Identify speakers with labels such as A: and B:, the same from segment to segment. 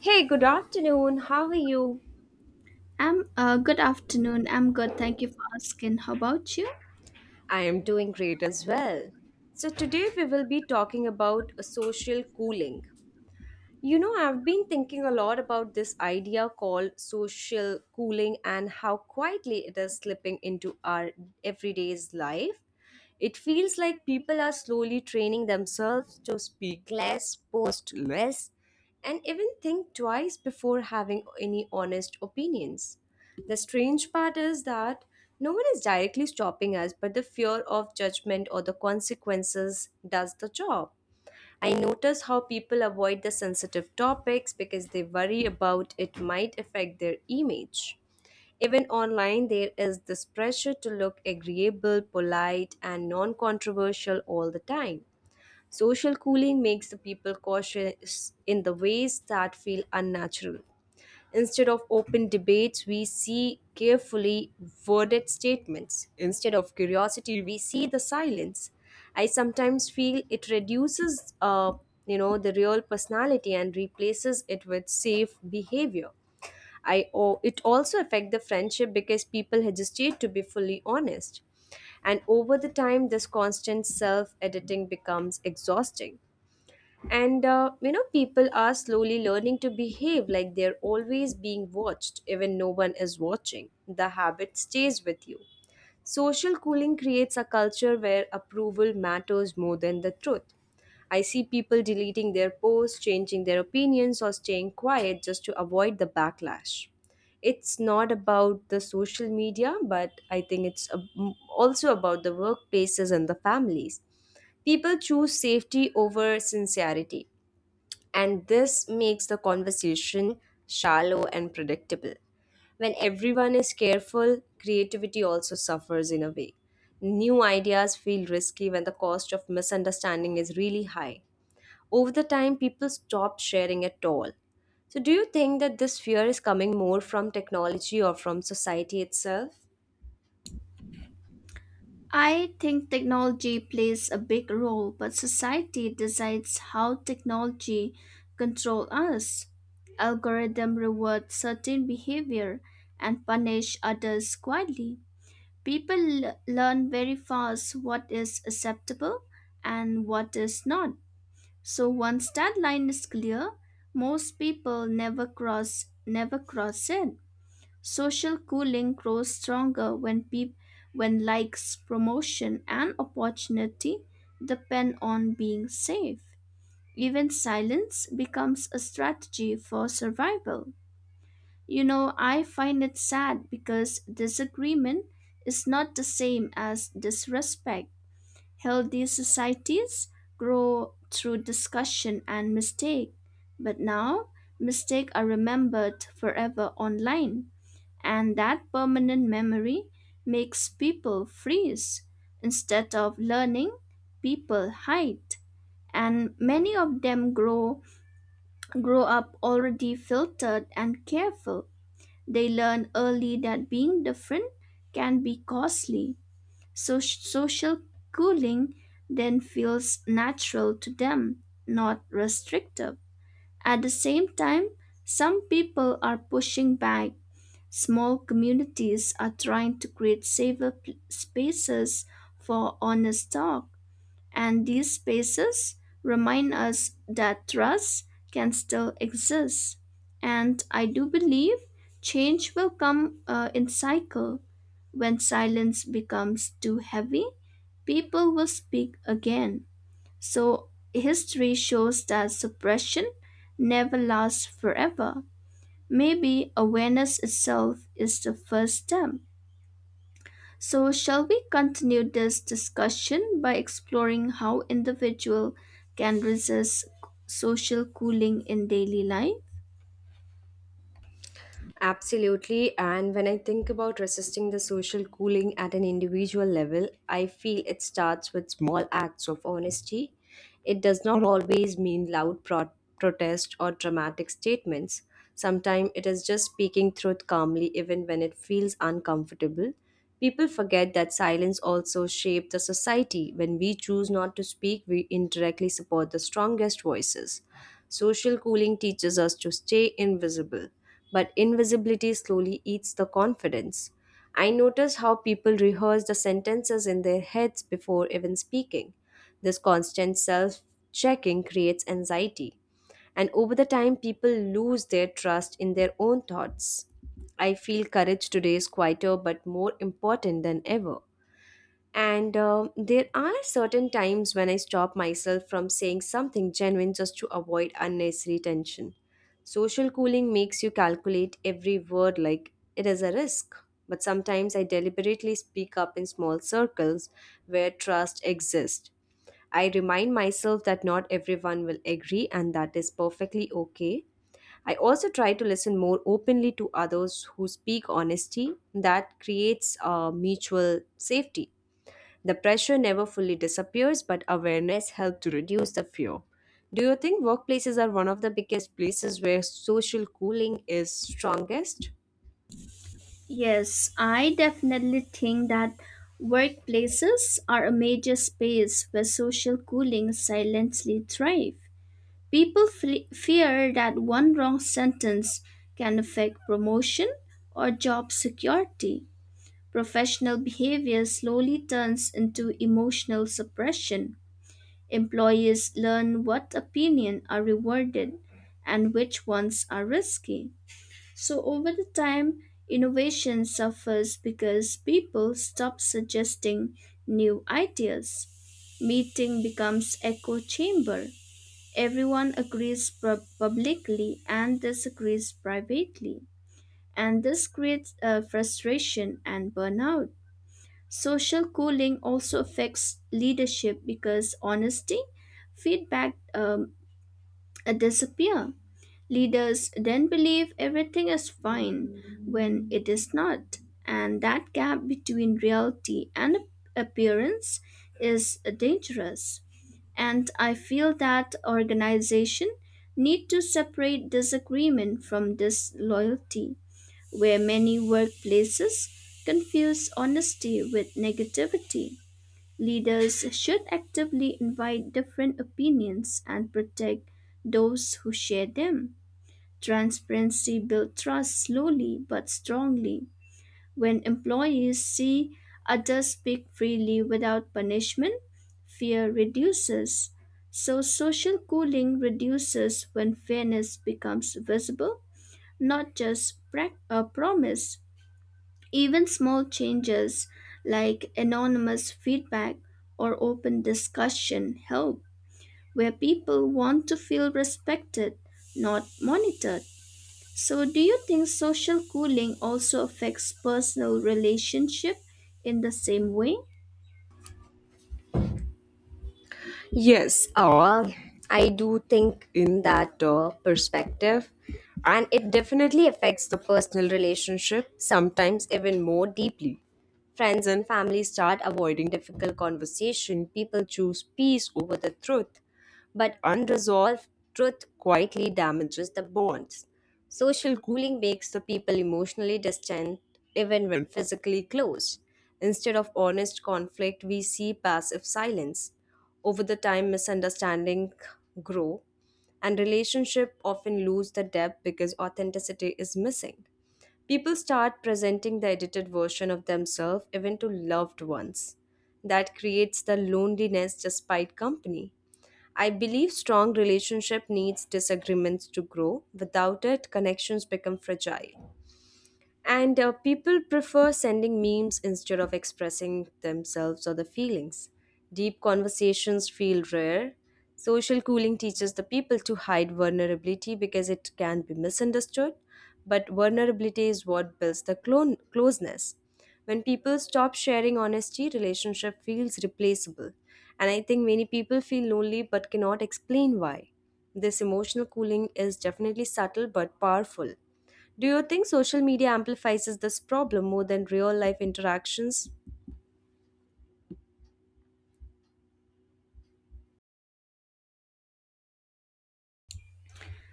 A: Hey, good afternoon. How are you?
B: I'm Good afternoon. I'm good. Thank you for asking. How about you?
A: I am doing great as well. So, today we will be talking about a social cooling. You know, I've been thinking a lot about this idea called social cooling and how quietly it is slipping into our everyday's life. It feels like people are slowly training themselves to speak less, post less, and even think twice before having any honest opinions. The strange part is that no one is directly stopping us, but the fear of judgment or the consequences does the job. I notice how people avoid the sensitive topics because they worry about it might affect their image. Even online, there is this pressure to look agreeable, polite, and non controversial all the time. Social cooling makes the people cautious in the ways that feel unnatural. Instead of open debates, we see carefully worded statements. Instead of curiosity, we see the silence. I sometimes feel it reduces, the real personality and replaces it with safe behavior. It also affect the friendship because people hesitate to be fully honest. And over the time, this constant self editing becomes exhausting. People are slowly learning to behave like they're always being watched, even no one is watching. The habit stays with you. Social cooling creates a culture where approval matters more than the truth. I see people deleting their posts, changing their opinions, or staying quiet just to avoid the backlash. It's not about the social media, but I think also about the workplaces and the families. People choose safety over sincerity, and this makes the conversation shallow and predictable. When everyone is careful, creativity also suffers in a way. New ideas feel risky when the cost of misunderstanding is really high. Over the time, people stop sharing at all. So, do you think that this fear is coming more from technology or from society itself?
B: I think technology plays a big role, but society decides how technology control us. Algorithm reward certain behavior and punish others quietly. People learn very fast what is acceptable and what is not. So once that line is clear, most people never cross it. Social cooling grows stronger when when likes, promotion, and opportunity depend on being safe. Even silence becomes a strategy for survival. You know, I find it sad because disagreement is not the same as disrespect. Healthy societies grow through discussion and mistake, but now mistakes are remembered forever online. And that permanent memory makes people freeze. Instead of learning, people hide. And many of them grow up already filtered and careful. They learn early that being different can be costly. So social cooling then feels natural to them, not restrictive. At the same time, some people are pushing back. Small communities are trying to create safer spaces for honest talk, and these spaces remind us that trust can still exist. And I do believe change will come in cycle. When silence becomes too heavy, people will speak again. So history shows that suppression never lasts forever. Maybe awareness itself is the first step. So, shall we continue this discussion by exploring how individual can resist social cooling in daily life?
A: Absolutely. And when I think about resisting the social cooling at an individual level, I feel it starts with small acts of honesty. It does not always mean protest or dramatic statements. Sometimes it is just speaking truth calmly, even when it feels uncomfortable. People forget that silence also shapes the society. When we choose not to speak, we indirectly support the strongest voices. Social cooling teaches us to stay invisible but invisibility slowly eats the confidence. I notice how people rehearse the sentences in their heads before even speaking. This constant self checking creates anxiety, and over the time, people lose their trust in their own thoughts. I feel courage today is quieter but more important than ever. And there are certain times when I stop myself from saying something genuine just to avoid unnecessary tension. Social cooling makes you calculate every word like it is a risk. But sometimes I deliberately speak up in small circles where trust exists. I remind myself that not everyone will agree and that is perfectly okay. I also try to listen more openly to others who speak honesty that creates a mutual safety. The pressure never fully disappears, but awareness helps to reduce the fear. Do you think workplaces are one of the biggest places where social cooling is strongest?
B: Yes, I definitely think that workplaces are a major space where social cooling silently thrive. People fear that one wrong sentence can affect promotion or job security. Professional behavior slowly turns into emotional suppression. Employees learn what opinions are rewarded and which ones are risky. So, over the time, innovation suffers because people stop suggesting new ideas. Meeting becomes echo chamber. Everyone agrees publicly and disagrees privately, and this creates frustration and burnout. Social cooling also affects leadership because honesty, feedback disappear. Leaders then believe everything is fine when it is not, and that gap between reality and appearance is dangerous. And I feel that organization need to separate disagreement from disloyalty, where many workplaces confuse honesty with negativity. Leaders should actively invite different opinions and protect those who share them. Transparency builds trust slowly but strongly. When employees see others speak freely without punishment, fear reduces. So, social cooling reduces when fairness becomes visible, not just a promise. Even small changes like anonymous feedback or open discussion help, where people want to feel respected, not monitored. So, do you think social cooling also affects personal relationship in the same way?
A: Yes, I do think in that perspective, and it definitely affects the personal relationship, sometimes even more deeply. Friends and family start avoiding difficult conversation, people choose peace over the truth, but unresolved truth quietly damages the bonds. Social cooling makes the people emotionally distant even when physically close. Instead of honest conflict, we see passive silence. Over the time, misunderstanding grow and relationship often lose the depth because authenticity is missing. People start presenting the edited version of themselves even to loved ones. That creates the loneliness despite company. I believe strong relationship needs disagreements to grow. Without it, connections become fragile. And People prefer sending memes instead of expressing themselves or the feelings. Deep conversations feel rare. Social cooling teaches the people to hide vulnerability because it can be misunderstood, but vulnerability is what builds the closeness. When people stop sharing honesty, relationship feels replaceable. And I think many people feel lonely but cannot explain why. This emotional cooling is definitely subtle but powerful. Do you think social media amplifies this problem more than real life interactions?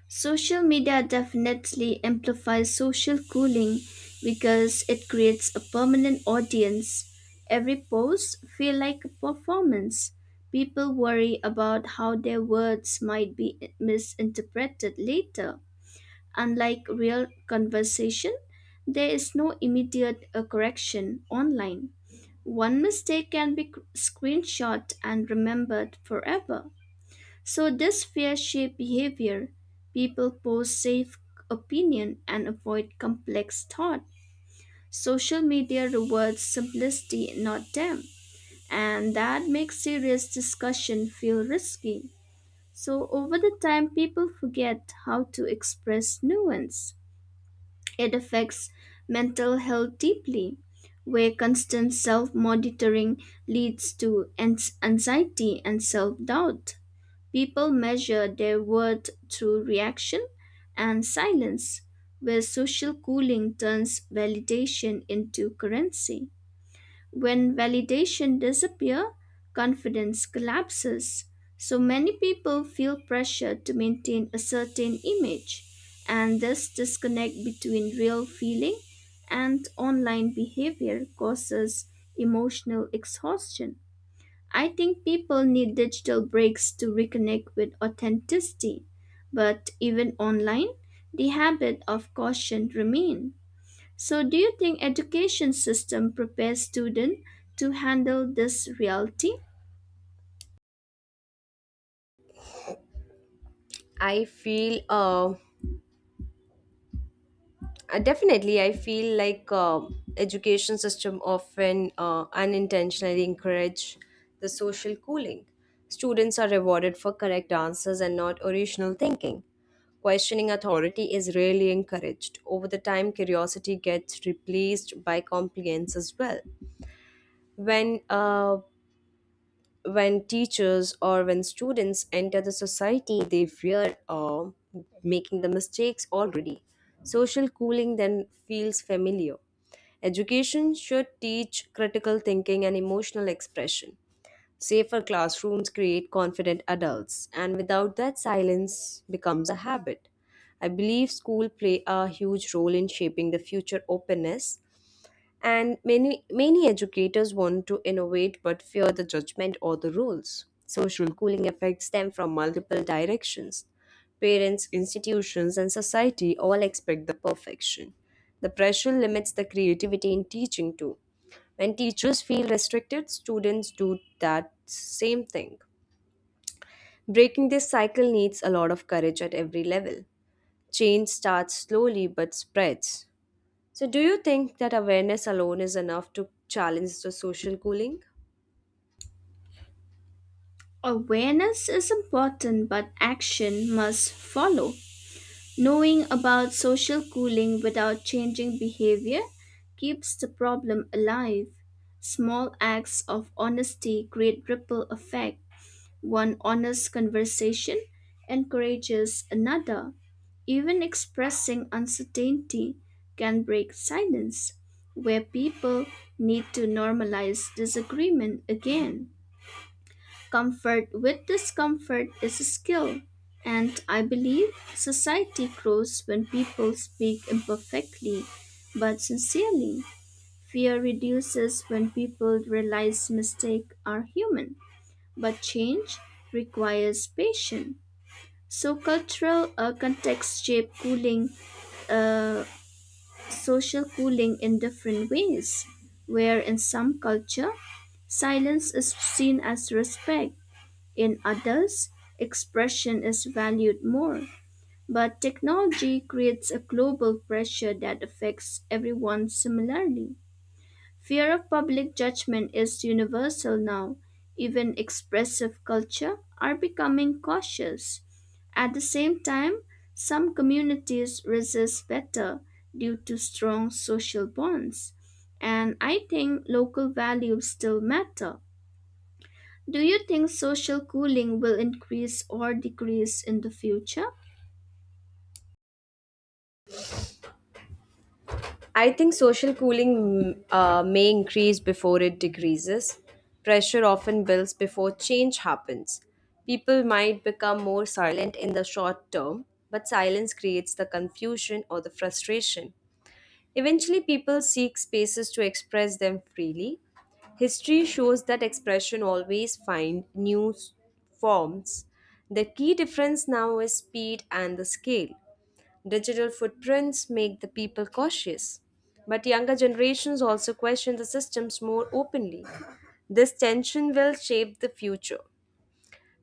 B: Social media definitely amplifies social cooling because it creates a permanent audience. Every post feel like a performance. People worry about how their words might be misinterpreted later. Unlike real conversation, there is no immediate correction online. One mistake can be screenshot and remembered forever. So this fear shaped behavior. People post safe opinion and avoid complex thought. Social media rewards simplicity, not depth, and that makes serious discussion feel risky. So over the time, people forget how to express nuance. It affects mental health deeply, where constant self-monitoring leads to anxiety and self-doubt. People measure their worth through reaction and silence, where social cooling turns validation into currency. When validation disappears, confidence collapses. So many people feel pressure to maintain a certain image, and this disconnect between real feeling and online behavior causes emotional exhaustion. I think people need digital breaks to reconnect with authenticity, but even online, the habit of caution remain. So do you think education system prepares students to handle this reality?
A: I feel Definitely. I feel like Education system often unintentionally encourage the social cooling. Students are rewarded for correct answers and not original thinking. Questioning authority is rarely encouraged. Over the time, curiosity gets replaced by compliance as well. When uh, when teachers or when students enter the society they fear making the mistakes already social cooling then feels familiar education should teach critical thinking and emotional expression safer classrooms create confident adults and without that silence becomes a habit I believe school play a huge role in shaping the future openness and many educators want to innovate but fear the judgment or the rules. Social cooling effects stem from multiple directions. Parents, institutions, and society all expect the perfection. The pressure limits the creativity in teaching too. When teachers feel restricted, students do that same thing. Breaking this cycle needs a lot of courage at every level. Change starts slowly but spreads. So, do you think that awareness alone is enough to challenge the social cooling?
B: Awareness is important, but action must follow. Knowing about social cooling without changing behavior keeps the problem alive. Small acts of honesty create ripple effect. One honest conversation encourages another. Even expressing uncertainty can break silence, where people need to normalize disagreement again. Comfort with discomfort is a skill, and I believe society grows when people speak imperfectly but sincerely. Fear reduces when people realize mistakes are human. But change requires patience. So cultural context shape cooling, uh, social cooling in different ways, where in some culture, silence is seen as respect. In others, expression is valued more. But technology creates a global pressure that affects everyone similarly. Fear of public judgment is universal now. Even expressive culture are becoming cautious. At the same time, some communities resist better due to strong social bonds. And I think local values still matter. Do you think social cooling will increase or decrease in the future?
A: I think social cooling may increase before it decreases. Pressure often builds before change happens. People might become more silent in the short term, but silence creates the confusion or the frustration. Eventually, people seek spaces to express them freely. History shows that expression always find forms. The key difference now is speed and the scale. Digital footprints make the people cautious, but younger generations also question the systems more openly. This tension will shape the future.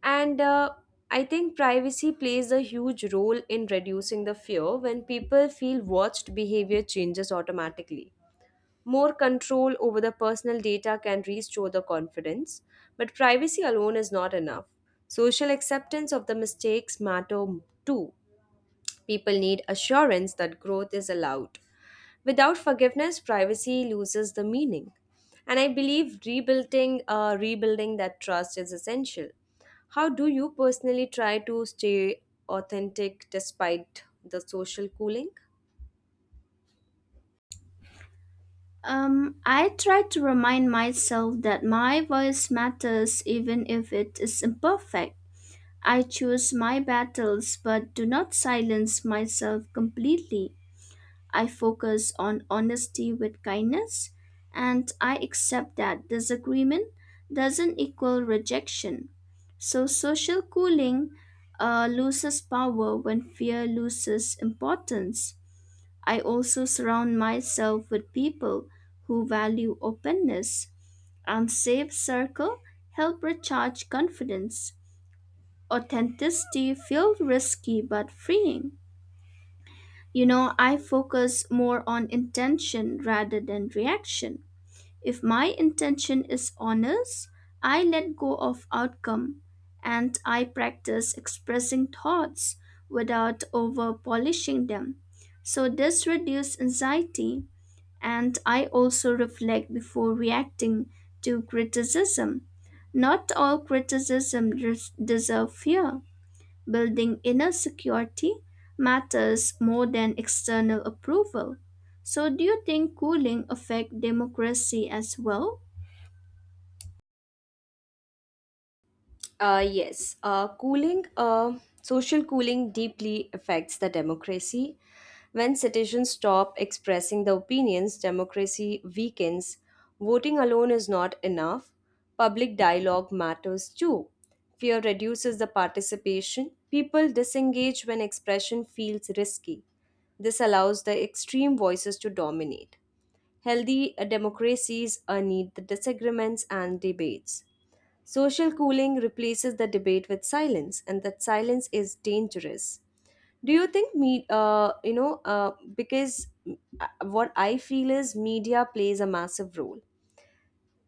A: And I think privacy plays a huge role in reducing the fear when people feel watched, behavior changes automatically. More control over the personal data can restore the confidence, but privacy alone is not enough. Social acceptance of the mistakes matter too. People need assurance that growth is allowed. Without forgiveness, privacy loses the meaning. And I believe rebuilding that trust is essential. How do you personally try to stay authentic despite the social cooling?
B: I try to remind myself that my voice matters even if it is imperfect. I choose my battles but do not silence myself completely. I focus on honesty with kindness and I accept that disagreement doesn't equal rejection. So, social cooling loses power when fear loses importance. I also surround myself with people who value openness, and safe circle help recharge confidence. Authenticity feels risky but freeing. You know, I focus more on intention rather than reaction. If my intention is honest, I let go of outcome and I practice expressing thoughts without over polishing them. So this reduces anxiety and I also reflect before reacting to criticism. Not all criticism deserve fear. Building inner security matters more than external approval. So, do you think cooling affect democracy as well?
A: Yes, social cooling deeply affects the democracy. When citizens stop expressing their opinions, democracy weakens. Voting alone is not enough. Public dialogue matters too. Fear reduces the participation. People disengage when expression feels risky. This allows the extreme voices to dominate. Healthy democracies need the disagreements and debates. Social cooling replaces the debate with silence, and that silence is dangerous. Do you think me? Because what I feel is media plays a massive role.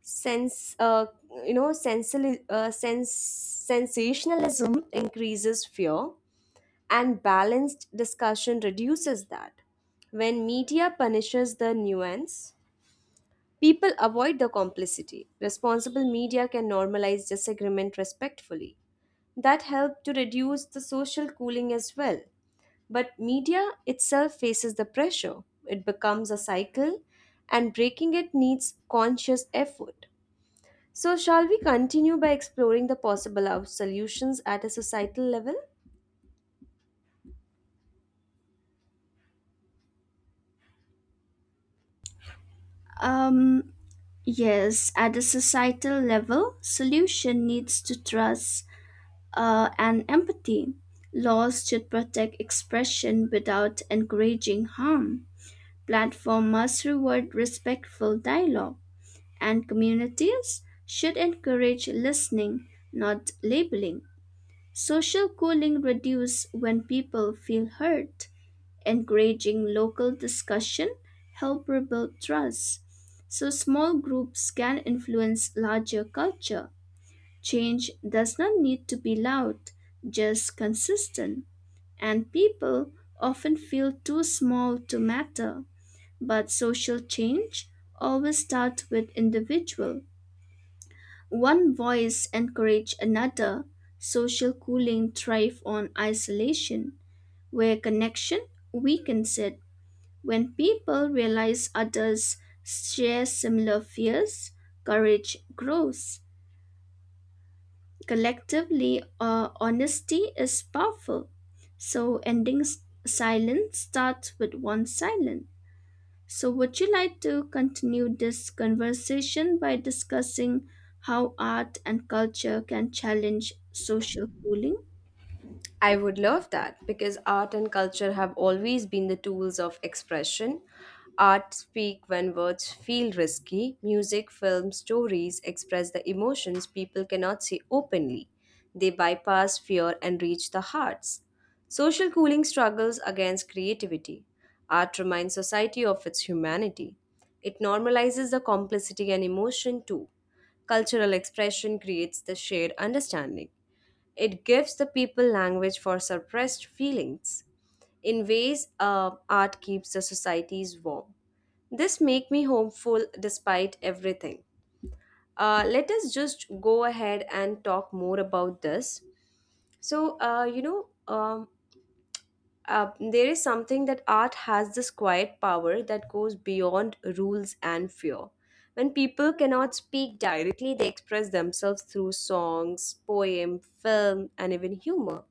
A: Sense, you know, sensi- sense, Sensationalism increases fear, and balanced discussion reduces that. When media punishes the nuance, people avoid the complicity. Responsible media can normalize disagreement respectfully that helped to reduce the social cooling as well. But media itself faces the pressure. It becomes a cycle, and breaking it needs conscious effort. So, shall we continue by exploring the possible solutions at a societal level?
B: Um, yes, at the societal level, solution needs to trust and empathy. Laws should protect expression without encouraging harm. Platform must reward respectful dialogue, and communities should encourage listening, not labeling. Social cooling reduces when people feel hurt. Encouraging local discussion help rebuild trust. So small groups can influence larger culture. Change does not need to be loud, just consistent. And people often feel too small to matter. But social change always starts with individual. One voice encouraged another. Social cooling thrives on isolation, where connection weakens it. When people realize others share similar fears, courage grows. Collectively, honesty is powerful. So, ending silence starts with one silence. So, would you like to continue this conversation by discussing how art and culture can challenge social cooling?
A: I would love that because art and culture have always been the tools of expression. Art speak when words feel risky. Music, film, stories express the emotions people cannot see openly. They bypass fear and reach the hearts. Social cooling struggles against creativity. Art reminds society of its humanity. It normalizes the complicity and emotion too. Cultural expression creates the shared understanding. It gives the people language for suppressed feelings in ways art keeps the societies warm. This make me hopeful despite everything. Let us just go ahead and talk more about this. So uh, you know, um, there is something that art has this quiet power that goes beyond rules and fear. When people cannot speak directly, they express themselves through songs, poem, film, and even humor.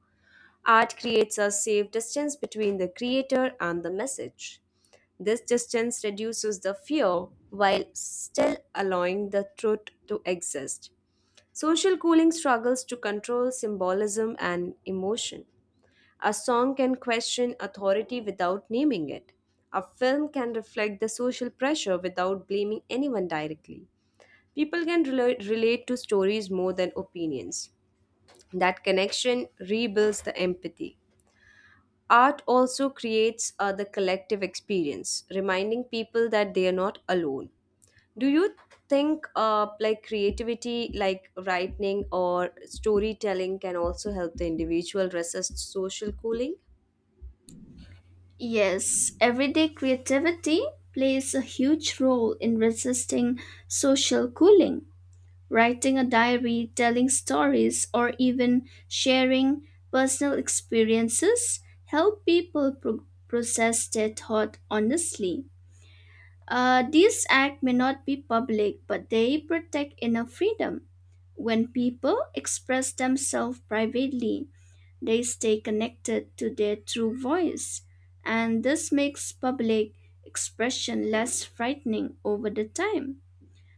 A: Art creates a safe distance between the creator and the message. This distance reduces the fear while still allowing the truth to exist. Social cooling struggles to control symbolism and emotion. A song can question authority without naming it. A film can reflect the social pressure without blaming anyone directly. People can relate to stories more than opinions. That connection rebuilds the empathy. Art also creates the collective experience, reminding people that they are not alone. Do you think like creativity, like writing or storytelling, can also help the individual resist social cooling?
B: Yes, everyday creativity plays a huge role in resisting social cooling. Writing a diary, telling stories, or even sharing personal experiences help people process their thought honestly. This act may not be public, but they protect inner freedom. When people express themselves privately, they stay connected to their true voice, and this makes public expression less frightening over the time.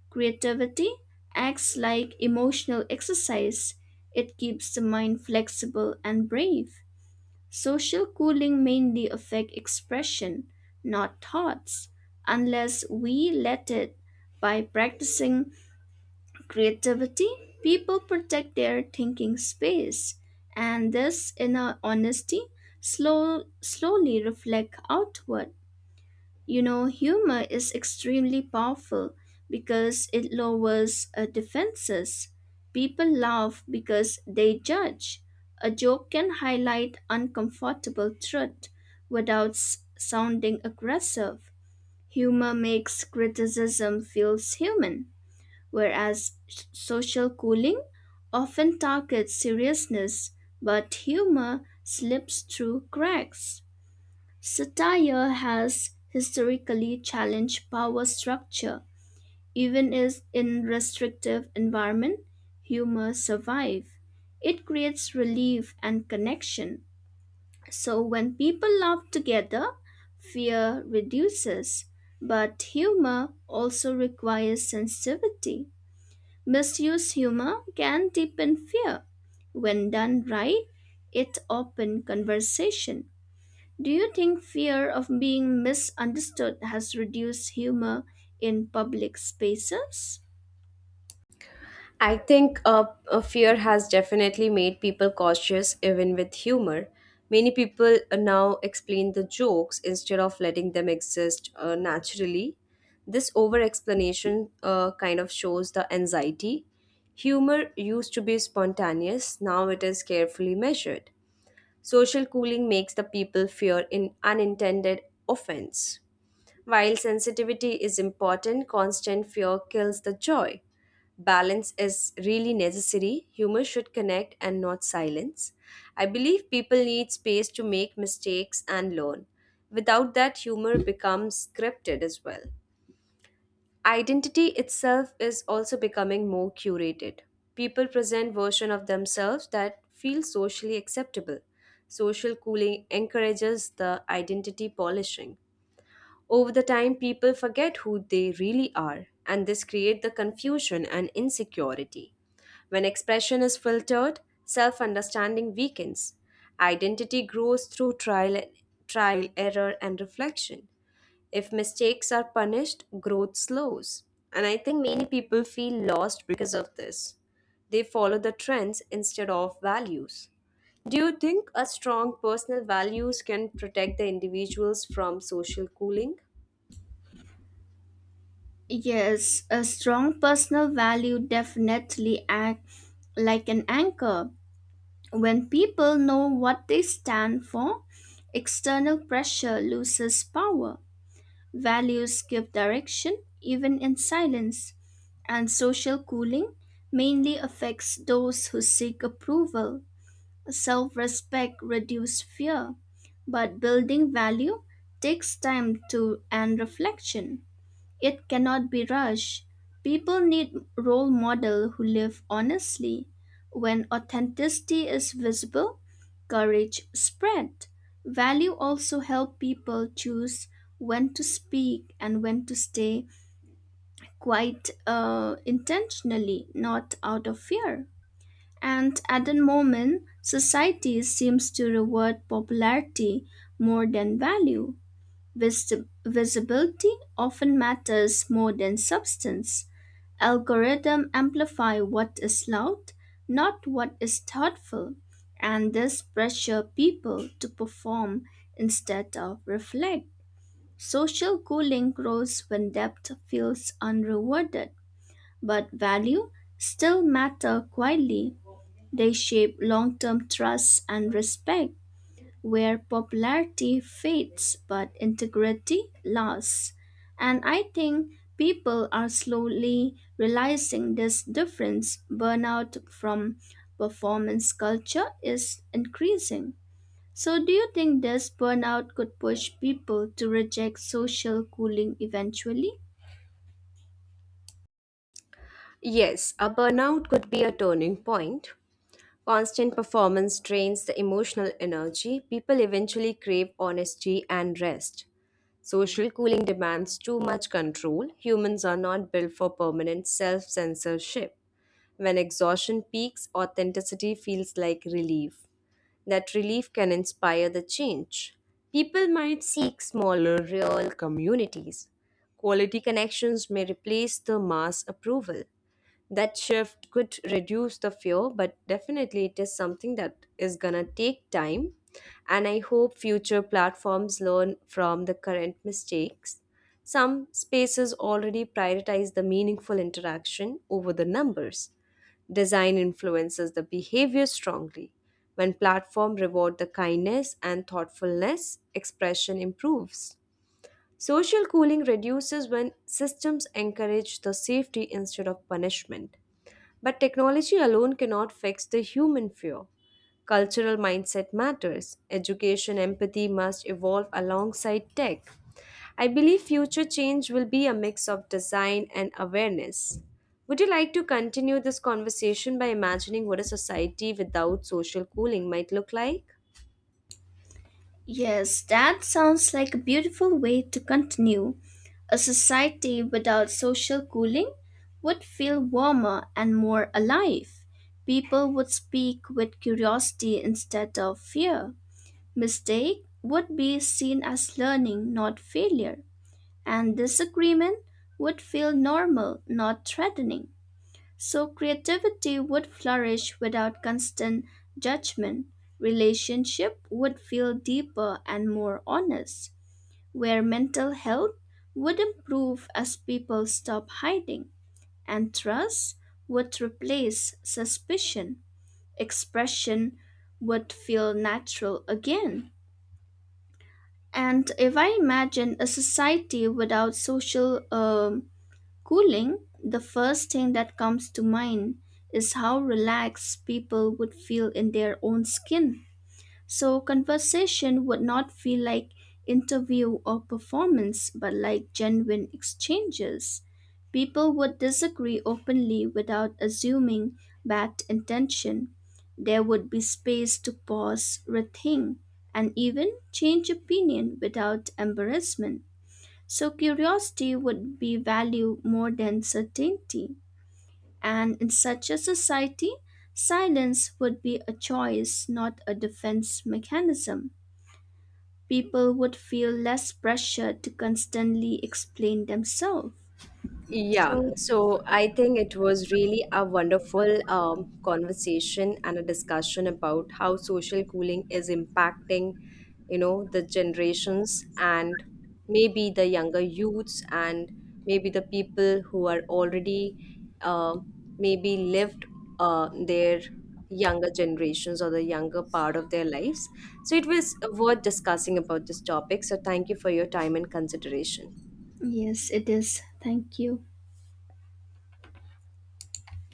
B: Creativity acts like emotional exercise. It keeps the mind flexible and brave. Social cooling mainly affect expression, not thoughts, unless we let it. By practicing creativity, people protect their thinking space, and this inner honesty slowly reflect outward. You know, humor is extremely powerful because it lowers defenses. People laugh because they judge. A joke can highlight uncomfortable truth without sounding aggressive. Humor makes criticism feels human, whereas social cooling often targets seriousness, but humor slips through cracks. Satire has historically challenged power structure. Even is in restrictive environment, humor survive. It creates relief and connection. So when people laugh together, fear reduces. But humor also requires sensitivity. Misuse humor can deepen fear. When done right, it opens conversation. Do you think fear of being misunderstood has reduced humor in public spaces?
A: I think Fear has definitely made people cautious, even with humor. Many people now explain the jokes instead of letting them exist naturally. This over explanation kind of shows the anxiety. Humor used to be spontaneous, now it is carefully measured. Social cooling makes the people fear in unintended offense. While sensitivity is important, constant fear kills the joy. Balance is really necessary. Humor should connect and not silence. I believe people need space to make mistakes and learn. Without that, humor becomes scripted as well. Identity itself is also becoming more curated. People present version of themselves that feel socially acceptable. Social cooling encourages the identity polishing. Over the time, people forget who they really are, and this creates the confusion and insecurity. When expression is filtered, self understanding weakens. Identity grows through error, and reflection. If mistakes are punished, growth slows. And I think many people feel lost because of this. They follow the trends instead of values. Do you think a strong personal values can protect the individuals from social cooling?
B: Yes, a strong personal value definitely acts like an anchor. When people know what they stand for, external pressure loses power. Values give direction even in silence, and social cooling mainly affects those who seek approval. Self respect reduces fear, but building value takes time to and reflection. It cannot be rushed. People need role model who live honestly. When authenticity is visible, courage spread. Value also help people choose when to speak and when to stay quite intentionally, not out of fear. And at the moment, society seems to reward popularity more than value. Vis- Visibility often matters more than substance. Algorithm amplify what is loud, not what is thoughtful, and this pressure people to perform instead of reflect. Social cooling grows when depth feels unrewarded, but value still matter quietly. They shape long term trust and respect, where popularity fades but integrity lasts. And I think people are slowly realizing this difference. Burnout from performance culture is increasing. So, do you think this burnout could push people to reject social cooling eventually?
A: Yes, a burnout could be a turning point. Constant performance drains the emotional energy. People eventually crave honesty and rest. Social cooling demands too much control. Humans are not built for permanent self censorship. When exhaustion peaks, authenticity feels like relief. That relief can inspire the change. People might seek smaller, real communities. Quality connections may replace the mass approval that shift could reduce the fear but definitely it is something that is going to take time and I hope future platforms learn from the current mistakes some spaces already prioritize the meaningful interaction over the numbers design influences the behavior strongly when platform reward the kindness and thoughtfulness expression improves social cooling reduces when systems encourage the safety instead of punishment but technology alone cannot fix the human fear. Cultural mindset matters. Education empathy must evolve alongside tech. I believe future change will be a mix of design and awareness. Would you like to continue this conversation by imagining what a society without social cooling might look like?
B: Yes, that sounds like a beautiful way to continue. A society without social cooling would feel warmer and more alive. People would speak with curiosity instead of fear. Mistake would be seen as learning, not failure. And disagreement would feel normal, not threatening. So creativity would flourish without constant judgment. Relationship would feel deeper and more honest, where mental health would improve as people stop hiding, and trust would replace suspicion. Expression would feel natural again. And if I imagine a society without social cooling, the first thing that comes to mind is how relaxed people would feel in their own skin. So, conversation would not feel like interview or performance, but like genuine exchanges. People would disagree openly without assuming bad intention. There would be space to pause, rethink, and even change opinion without embarrassment. So curiosity would be valued more than certainty. And in such a society, silence would be a choice, not a defense mechanism. People would feel less pressure to constantly explain themselves.
A: Yeah,
B: So,
A: so I think it was really a wonderful conversation and a discussion about how social cooling is impacting, you know, the generations and maybe the younger youths and maybe the people who are already uh, maybe lived their younger generations or the younger part of their lives. So it was worth discussing about this topic. So thank you for your time and consideration.
B: yes, it is. Thank you.